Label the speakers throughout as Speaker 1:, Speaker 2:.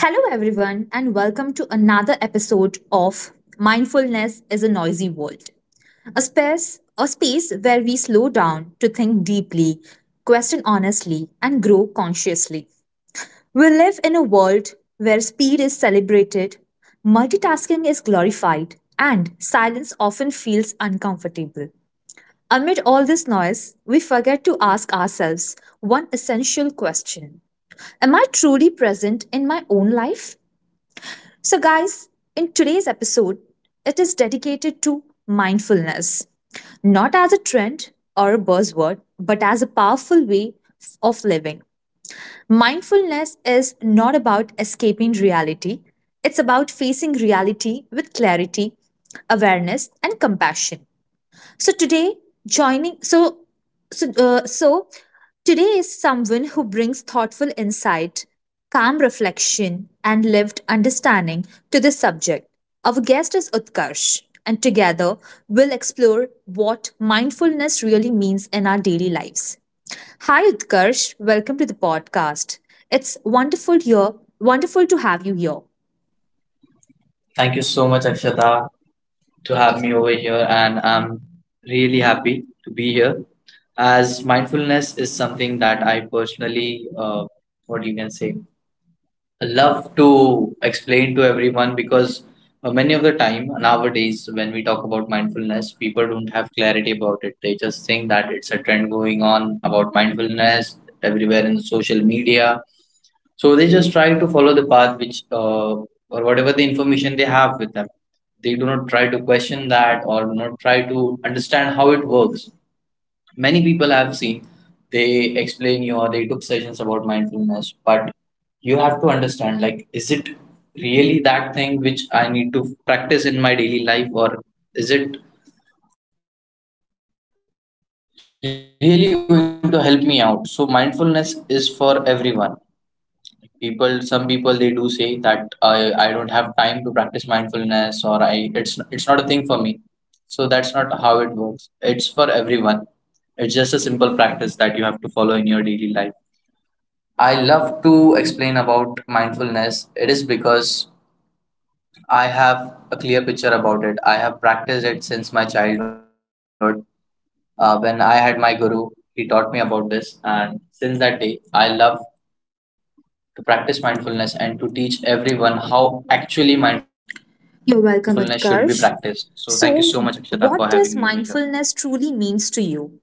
Speaker 1: Hello, everyone, and welcome to another episode of Mindfulness is a Noisy World, a space where we slow down to think deeply, question honestly, and grow consciously. We live in a world where speed is celebrated, multitasking is glorified, and silence often feels uncomfortable. Amid all this noise, we forget to ask ourselves one essential question: am I truly present in my own life? So, guys, in today's episode, it is dedicated to mindfulness, not as a trend or a buzzword, but as a powerful way of living. Mindfulness is not about escaping reality, it's about facing reality with clarity, awareness, and compassion. So today, joining so so so today is someone who brings thoughtful insight, calm reflection, and lived understanding to this subject. Our guest is Utkarsh, and together we'll explore what mindfulness really means in our daily lives. Hi Utkarsh, welcome to the podcast. It's wonderful to have you here.
Speaker 2: Thank you so much, Akshata, to have me over here, and I'm really happy to be here. As mindfulness is something that I personally, what you can say, love to explain to everyone because many of the time nowadays when we talk about mindfulness, people don't have clarity about it. They just think that it's a trend going on about mindfulness everywhere in social media, so they just try to follow the path which or whatever the information they have with them, they do not try to question that or do not try to understand how it works. Many people I've seen, they explain you or they took sessions about mindfulness, but you have to understand, like, is it really that thing which I need to practice in my daily life, or is it really going to help me out? So, mindfulness is for everyone. Some people they do say that I don't have time to practice mindfulness, or I it's not a thing for me. So that's not how it works. It's for everyone. It's just a simple practice that you have to follow in your daily life. I love to explain about mindfulness. It is because I have a clear picture about it. I have practiced it since my childhood. When I had my guru, he taught me about this, and since that day, I love to practice mindfulness and to teach everyone how actually mindfulness should be
Speaker 1: You're
Speaker 2: practiced.
Speaker 1: welcome,
Speaker 2: So, thank you so
Speaker 1: Utkarsh.
Speaker 2: much, Akshata, for having me
Speaker 1: So,
Speaker 2: over here.
Speaker 1: what does mindfulness truly means to you?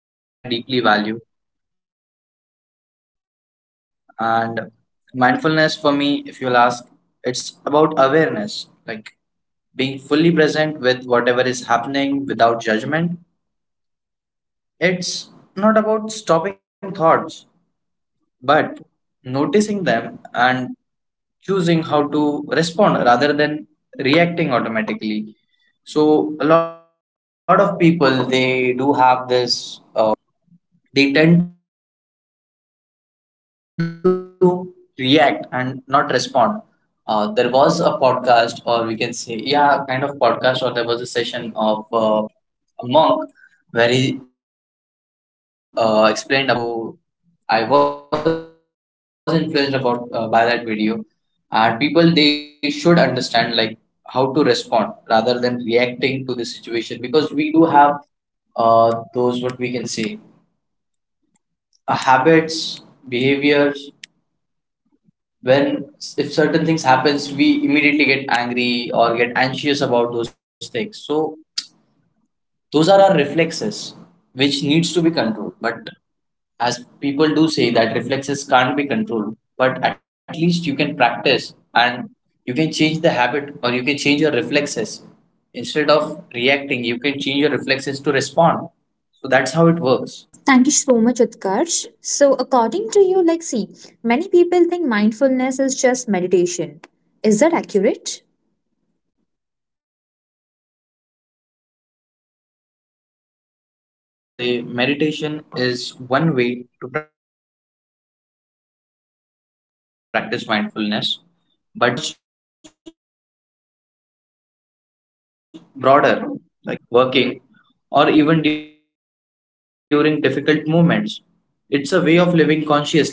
Speaker 2: See, so mindfulness is something I deeply value, and mindfulness for me, if you'll ask, it's about awareness. Like being fully present with whatever is happening without judgment. It's not about stopping thoughts, but noticing them and choosing how to respond rather than reacting automatically. So, a lot of people they do have this behavior, we can say, that whenever some things happen, they tend to react and not respond. There was a podcast, or we can say, yeah, kind of podcast, or there was a session of a monk where he explained about learn how to react, learn how to respond and not to react. So I was influenced about by that video, and people, they should understand, like, how to respond rather than reacting to the situation, because we do have those, what we can say, habits, behaviors, when if certain things happens, we immediately get angry or get anxious about those things. So those are our reflexes which needs to be controlled, but as people do say that reflexes can't be controlled, but at least you can practice, and you can change the habit or you can change your reflexes. Instead of reacting, you can change your reflexes to respond. So that's how it works.
Speaker 1: Thank you so much, Utkarsh. So, according to you, like, see, many people think mindfulness is just meditation. Is that accurate?
Speaker 2: Well, to answer that, I would say meditation is one way to practice mindfulness, but mindfulness is itself is much broader. Like you can be mindful while eating, listening, working, or even during difficult moments. It's a way of living consciously.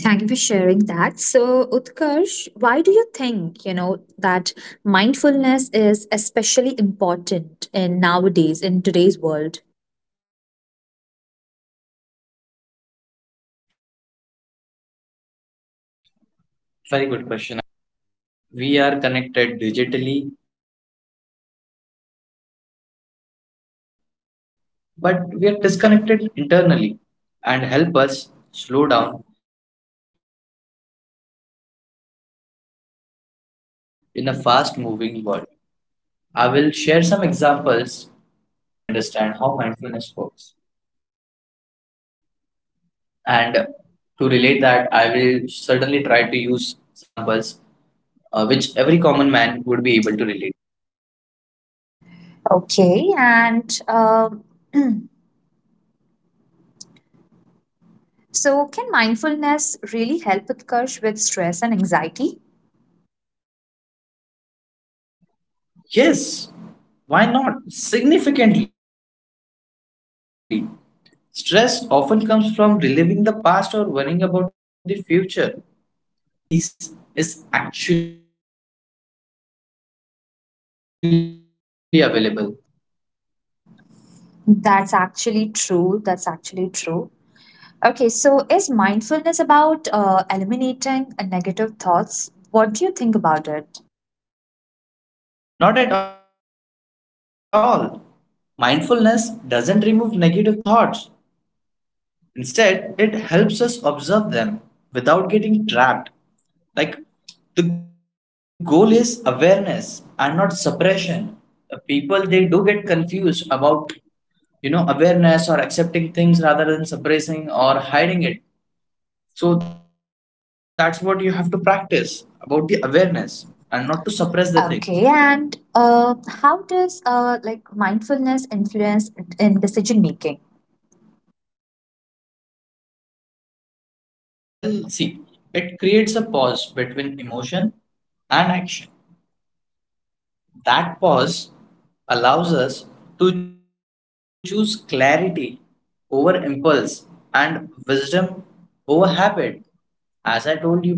Speaker 1: Thank you for sharing that. So, Utkarsh, why do you think, you know, that mindfulness is especially important in nowadays, in today's world?
Speaker 2: Very good question, Akshata. See, because we are constantly distracted, we are connected digitally, but we are disconnected internally. Mindfulness brings us back to ourselves and help us slow down in a fast moving world. I will share some examples later on, so that each and every one of us can understand how mindfulness works. And to relate that, I will certainly try to use such basic examples, which every common man would be able to relate.
Speaker 1: Okay, and so can mindfulness really help Utkarsh with stress and anxiety?
Speaker 2: Yes, why not? Significantly. Stress often comes from reliving the past or worrying about the future. Mindfulness grounds us in the present moment where peace is actually available, and that's what really matters nowadays.
Speaker 1: That's actually true. That's actually true. Okay, so is mindfulness about eliminating negative thoughts? What do you think about it?
Speaker 2: No, not at all. Mindfulness doesn't remove negative thoughts, instead, it helps us observe them without getting trapped. Like, the goal is awareness and not suppression. People they do get confused about, awareness or accepting things rather than suppressing or hiding it. So that's what you have to practice, about the awareness and not to suppress the thing.
Speaker 1: Okay, and how does like mindfulness influence in decision making?
Speaker 2: Well, see, it creates a pause between emotion and action. That pause allows us to choose clarity over impulse and wisdom over habit. As I told you previously, that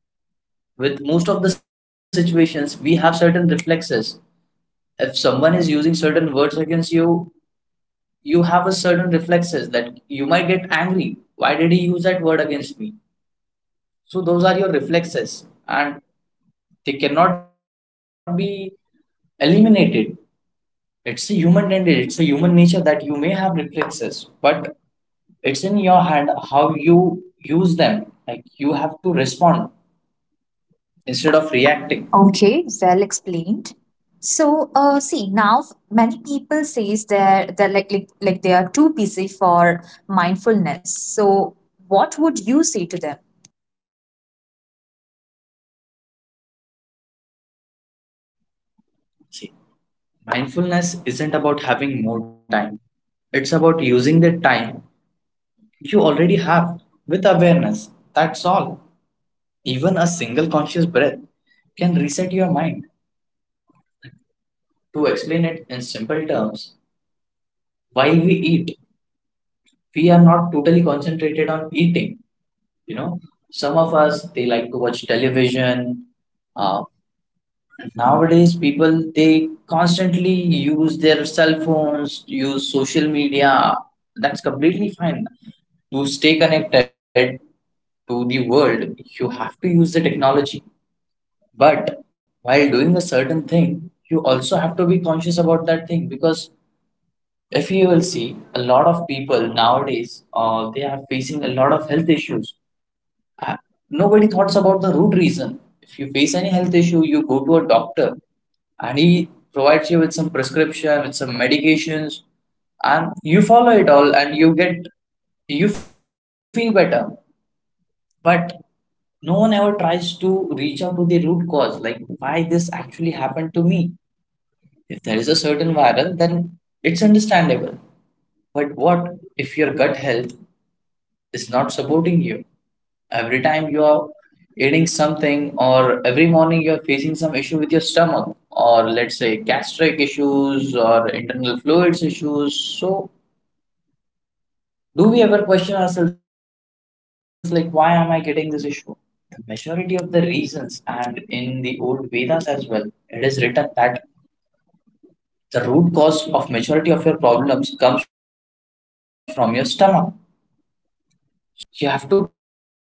Speaker 2: with most of the situations we have certain reflexes. If someone is using certain words against you, you have a certain reflexes that you might get angry, why did he use that word against me? So those are your reflexes, and they cannot be eliminated. It's a human tendency. It's a human nature that you may have reflexes, but it's in your hand how you use them. Like, you have to respond instead of reacting.
Speaker 1: Okay, well explained. So, see now many people says they're like, like they are too busy for mindfulness. So, what would you say to them?
Speaker 2: See, mindfulness isn't about having more time. It's about using the time you already have with awareness, that's all. Even a single conscious breath can reset your mind. To explain it in simple terms, while we eat, we are not totally concentrated on eating. You know, some of us, they like to watch television. Uh, nowadays, people, they constantly use their cell phones, use social media. That's completely fine. To stay connected to the world, you have to use the technology. But while doing a certain thing, you also have to be conscious about that thing, because if you will see a lot of people nowadays, they are facing a lot of health issues. Uh, nobody thoughts about the root reason. If you face any health issue, you go to a doctor and he provides you with some prescription, with some medications, and you follow it all, and you feel better, but no one ever tries to reach out to the root cause, like why this actually happened to me. If there is a certain viral, then it's understandable. But what if your gut health is not supporting you? Every time you are eating something, or every morning you are facing some issue with your stomach, or let's say gastric issues or internal fluids issues. So, do we ever question ourselves, like, why am I getting this issue? The majority of the reasons, and in the old Vedas as well, it is written that the root cause of majority of your problems comes from your stomach. So when you eat healthy, that's not sufficient.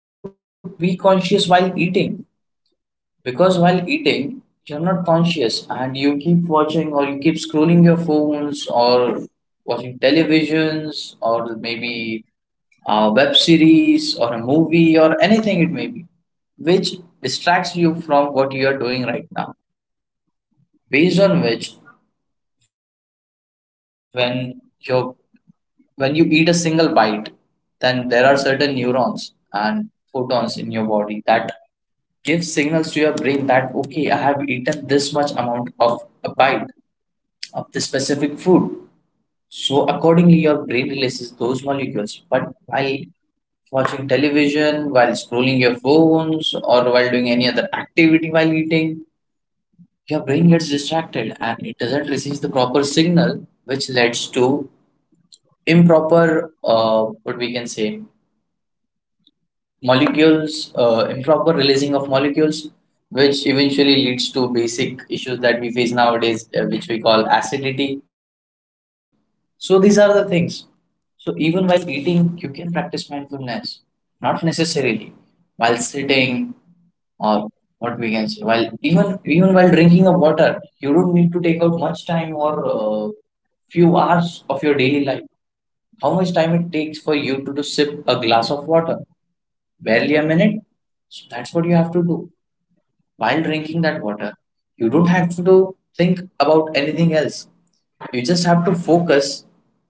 Speaker 2: You have to be conscious while eating, because while eating, you're not conscious and you keep watching or you keep scrolling your phones, or watching televisions, or maybe a web series or a movie or anything it may be, which distracts you from what you are doing right now. Based on which, when your when you eat a single bite, then there are certain neurons and photons in your body that give signals to your brain that, okay, I have eaten this much amount of a bite of this specific food. So, accordingly, your brain releases those molecules. But while watching television, while scrolling your phones, or while doing any other activity while eating, your brain gets distracted and it doesn't receive the proper signal, which leads to improper, what we can say, molecules, improper releasing of molecules, which eventually leads to basic issues that we face nowadays, which we call acidity. So these are the things. So even while eating, you can practice mindfulness, not necessarily while sitting, or, what we can say, while even while drinking of water, you don't need to take out much time or few hours of your daily life. How much time it takes for you to sip a glass of water? Barely a minute. So that's what you have to do. While drinking that water, you don't have to think about anything else. You just have to focus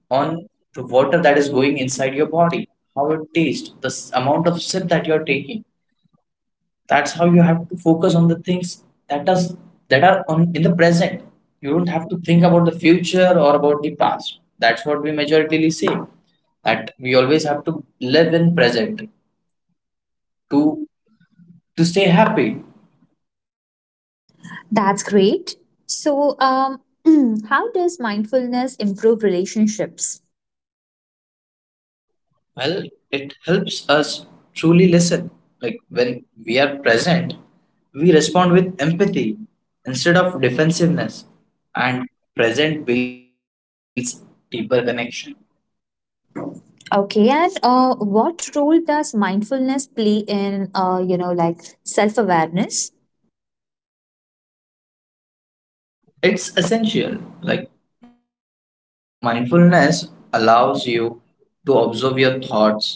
Speaker 2: on the water that is going inside your body, how it tastes, the amount of sip that you're taking. That's how you have to focus on the things that does that are on in the present. You don't have to think about the future or about the past. That's what we majoritarily say, that we always have to live in present to to stay happy.
Speaker 1: That's great. So, how does mindfulness improve relationships?
Speaker 2: Well, it helps us truly listen. Like when we are present, we respond with empathy instead of defensiveness, and present builds deeper connection.
Speaker 1: Okay, and what role does mindfulness play in, you know, like self awareness?
Speaker 2: It's essential. Like mindfulness allows you to observe your thoughts,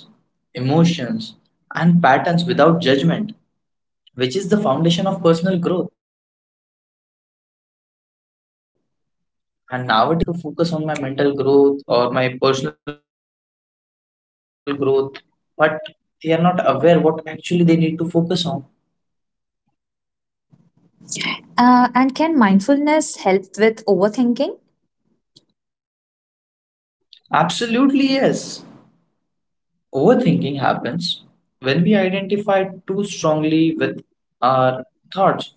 Speaker 2: emotions, and patterns without judgment, which is the foundation of personal growth. And nowadays, people, they have this mentality, like, I have to focus on my mental growth or my personal growth, but they are not aware what actually they need to focus on.
Speaker 1: And can mindfulness help with overthinking?
Speaker 2: Absolutely, yes. Overthinking happens when we identify too strongly with our thoughts.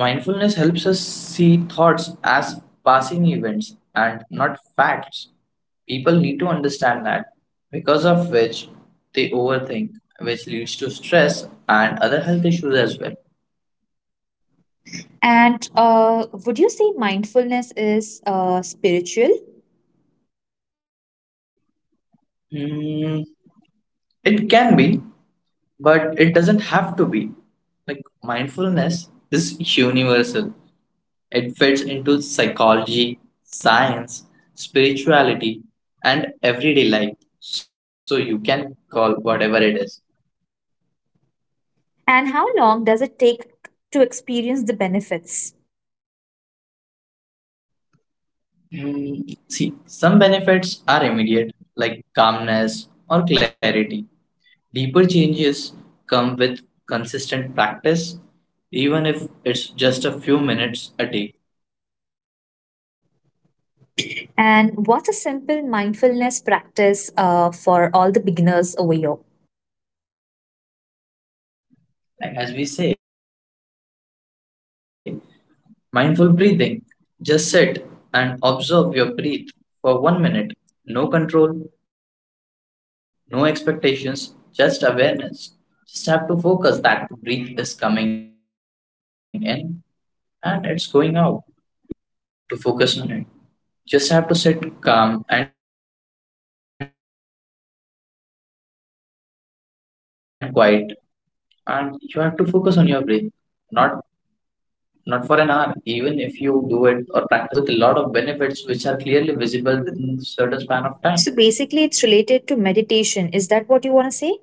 Speaker 2: Mindfulness helps us see thoughts as passing events and not facts. People need to understand that, because of which they overthink, which leads to stress and other health issues as well.
Speaker 1: And would you say mindfulness is spiritual?
Speaker 2: Mm, it can be, but it doesn't have to be. Like mindfulness is universal. It fits into psychology, science, spirituality, and everyday life. So you can call whatever it is.
Speaker 1: And how long does it take to experience the benefits?
Speaker 2: See, some benefits are immediate, like calmness or clarity. Deeper changes come with consistent practice, even if it's just a few minutes a day.
Speaker 1: And what's a simple mindfulness practice for all the beginners over here?
Speaker 2: Like as we say, mindful breathing. Just sit and observe your breath for 1 minute. No control, no expectations, just awareness. Just have to focus that breath is coming in and it's going out. You don't have to force your breath, you don't have to take a deep breath to focus on it. Just have to sit calm and quiet, and you have to focus on your breath, not not for an hour. Even if you do it or practice it for minutes, it's completely fine. It provides you with a lot of benefits, which are clearly visible within a certain span of time
Speaker 1: So basically, it's related to meditation. Is that what you want to say?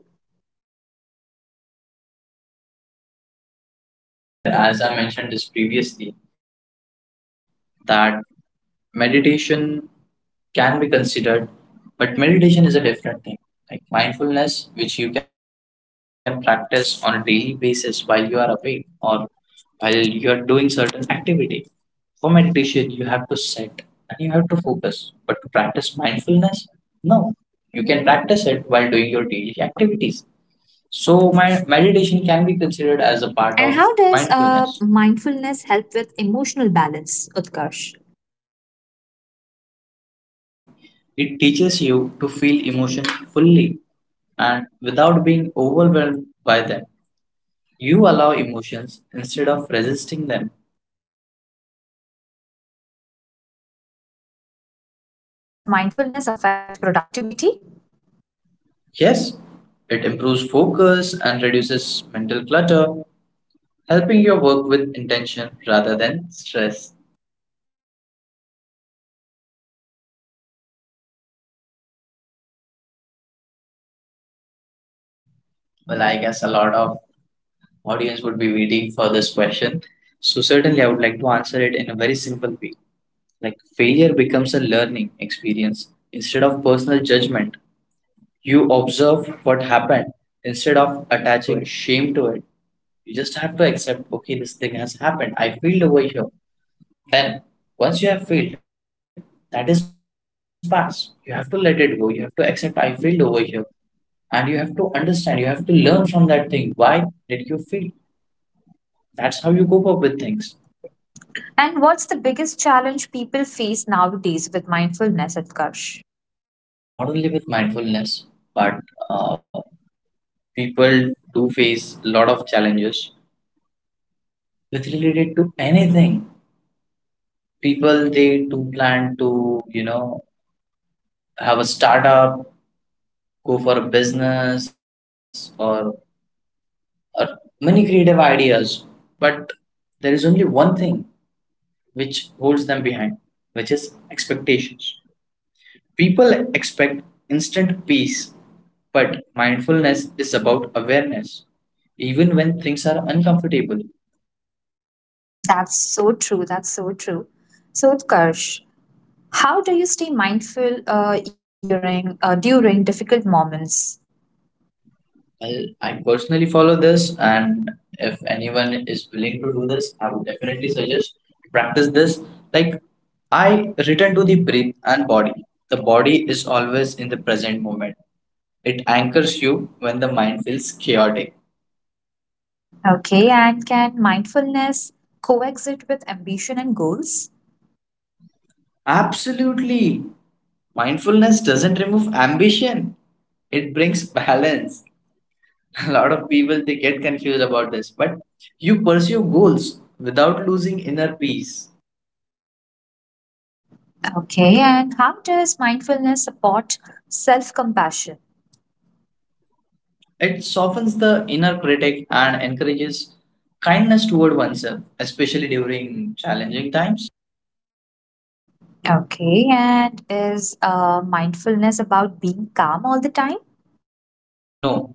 Speaker 2: somewhere. As I mentioned this previously, that meditation can be considered, but meditation is a different thing, like mindfulness, which you can practice on a daily basis while you are awake or while you are doing certain activity. For meditation, you have to sit and you have to focus. But to practice mindfulness, no. You can practice it while doing your daily activities. So, my meditation can be considered as a part of
Speaker 1: And how does
Speaker 2: mindfulness.
Speaker 1: mindfulness help with emotional balance, Utkarsh?
Speaker 2: See, it teaches you to feel emotions fully and without being overwhelmed by them. You allow emotions instead of resisting them.
Speaker 1: And does mindfulness affect productivity?
Speaker 2: Yes, it improves focus and reduces mental clutter, helping your work with intention rather than stress.
Speaker 1: And how does mindfulness change the way we view our failure? Well, I
Speaker 2: Well, I
Speaker 1: guess a
Speaker 2: guess a
Speaker 1: lot
Speaker 2: lot
Speaker 1: of
Speaker 2: of
Speaker 1: audience
Speaker 2: audience
Speaker 1: would
Speaker 2: would
Speaker 1: be
Speaker 2: be
Speaker 1: waiting
Speaker 2: waiting
Speaker 1: for
Speaker 2: for
Speaker 1: this
Speaker 2: this
Speaker 1: question.
Speaker 2: question. So
Speaker 1: So
Speaker 2: certainly
Speaker 1: certainly
Speaker 2: I
Speaker 1: I
Speaker 2: would
Speaker 1: would
Speaker 2: like
Speaker 1: like
Speaker 2: to
Speaker 1: to
Speaker 2: answer
Speaker 1: answer
Speaker 2: it
Speaker 1: it
Speaker 2: in a
Speaker 1: in a
Speaker 2: very
Speaker 1: very
Speaker 2: simple
Speaker 1: simple
Speaker 2: way.
Speaker 1: way.
Speaker 2: Like
Speaker 1: Like
Speaker 2: failure
Speaker 1: failure
Speaker 2: becomes a
Speaker 1: becomes a
Speaker 2: learning
Speaker 1: learning
Speaker 2: experience
Speaker 1: experience
Speaker 2: instead of
Speaker 1: instead of
Speaker 2: personal
Speaker 1: personal
Speaker 2: judgment.
Speaker 1: judgment.
Speaker 2: You
Speaker 1: You
Speaker 2: observe
Speaker 1: observe
Speaker 2: what
Speaker 1: what
Speaker 2: happened
Speaker 1: happened
Speaker 2: instead
Speaker 1: instead
Speaker 2: of
Speaker 1: of
Speaker 2: attaching
Speaker 1: attaching
Speaker 2: shame to
Speaker 1: shame
Speaker 2: it.
Speaker 1: to it.
Speaker 2: You just have to accept, okay, this thing has happened. I failed over here. Then once you have failed, that is past. You have to let it go. You have to accept I failed over here, and you have to understand, you have to learn from that thing. Why did you feel? That's how you cope up with things,
Speaker 1: And what's the biggest challenge people face nowadays with mindfulness, Utkarsh?
Speaker 2: not only with mindfulness, but uh, people do face a lot of challenges with related to anything. People, they do plan to, you know have a startup, go for a business, or many creative ideas, but there is only one thing which holds them behind, which is expectations. People expect instant peace, but mindfulness is about awareness, even when things are uncomfortable.
Speaker 1: That's so true. That's so true. So, Utkarsh, how do you stay mindful during during difficult moments?
Speaker 2: Well, I personally follow this, and if anyone is willing to do this, I would definitely suggest to practice this. Like, I return to the breath and body. The body is always in the present moment. It anchors you when the mind feels chaotic.
Speaker 1: Okay, and can mindfulness coexist with ambition and goals?
Speaker 2: Absolutely. Mindfulness doesn't remove ambition, it brings balance. A lot of people, they get confused about this, but you pursue goals without losing inner peace.
Speaker 1: Okay, and how does mindfulness support self compassion?
Speaker 2: It softens the inner critic and encourages kindness toward oneself, especially during challenging times.
Speaker 1: Okay, and is mindfulness about being calm all the time?
Speaker 2: No,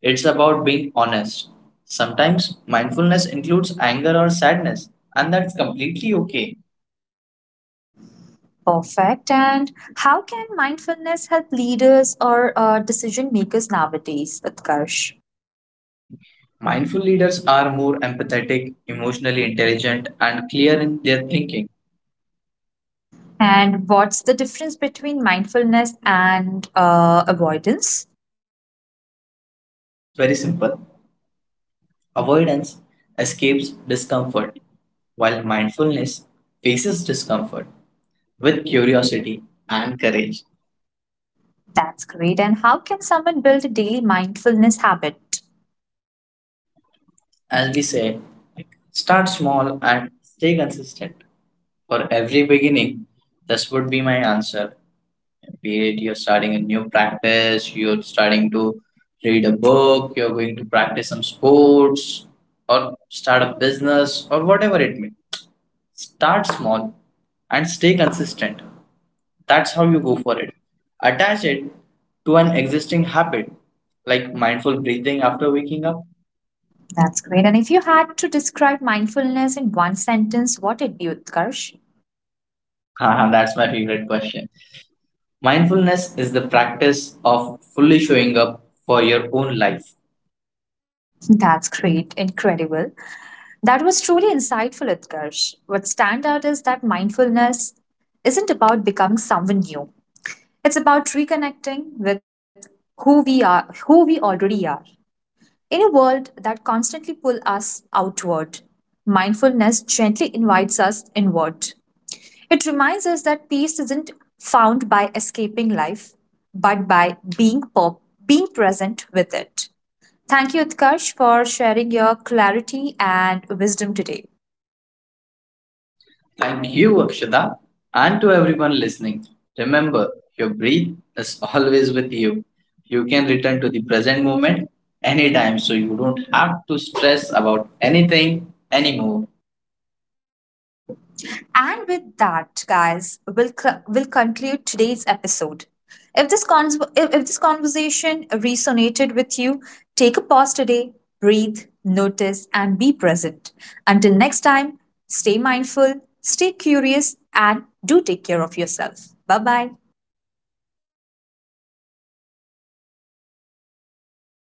Speaker 2: it's about being honest. Sometimes mindfulness includes anger or sadness, and that's completely okay.
Speaker 1: Perfect. And how can mindfulness help leaders or decision makers nowadays, Utkarsh?
Speaker 2: Mindful leaders are more empathetic, emotionally intelligent, and clear in their thinking.
Speaker 1: And what's the difference between mindfulness and avoidance?
Speaker 2: It's very simple. Avoidance escapes discomfort, while mindfulness faces discomfort with curiosity and courage.
Speaker 1: That's great. And how can someone build a daily mindfulness habit?
Speaker 2: As we say, like, start small and stay consistent. For every beginning, this would be my answer. Period. You're starting a new practice, you're starting to read a book, you're going to practice some sports, or start a business, or whatever it may. Start small and stay consistent. That's how you go for it. Attach it to an existing habit, like mindful breathing after waking up.
Speaker 1: That's great. And if you had to describe mindfulness in one sentence, what it be, Utkarsh?
Speaker 2: Haha, that's my favorite question. Mindfulness is the practice of fully showing up for your own life.
Speaker 1: That's great, incredible. That was truly insightful, Utkarsh. What stand out is that mindfulness isn't about becoming someone new. It's about reconnecting with who we are, who we already are. In a world that constantly pulls us outward, mindfulness gently invites us inward. It reminds us that peace isn't found by escaping life, but by being pop, being present with it. Thank you, Utkarsh, for sharing your clarity and wisdom today.
Speaker 2: Thank you, Akshita, and to everyone listening. Remember, your breath is always with you. You can return to the present moment anytime, so you don't have to stress about anything anymore.
Speaker 1: And with that, guys, we'll conclude today's episode. If this conversation resonated with you, take a pause today, breathe, notice, and be present. Until next time, stay mindful, stay curious, and do take care of yourself. Bye bye.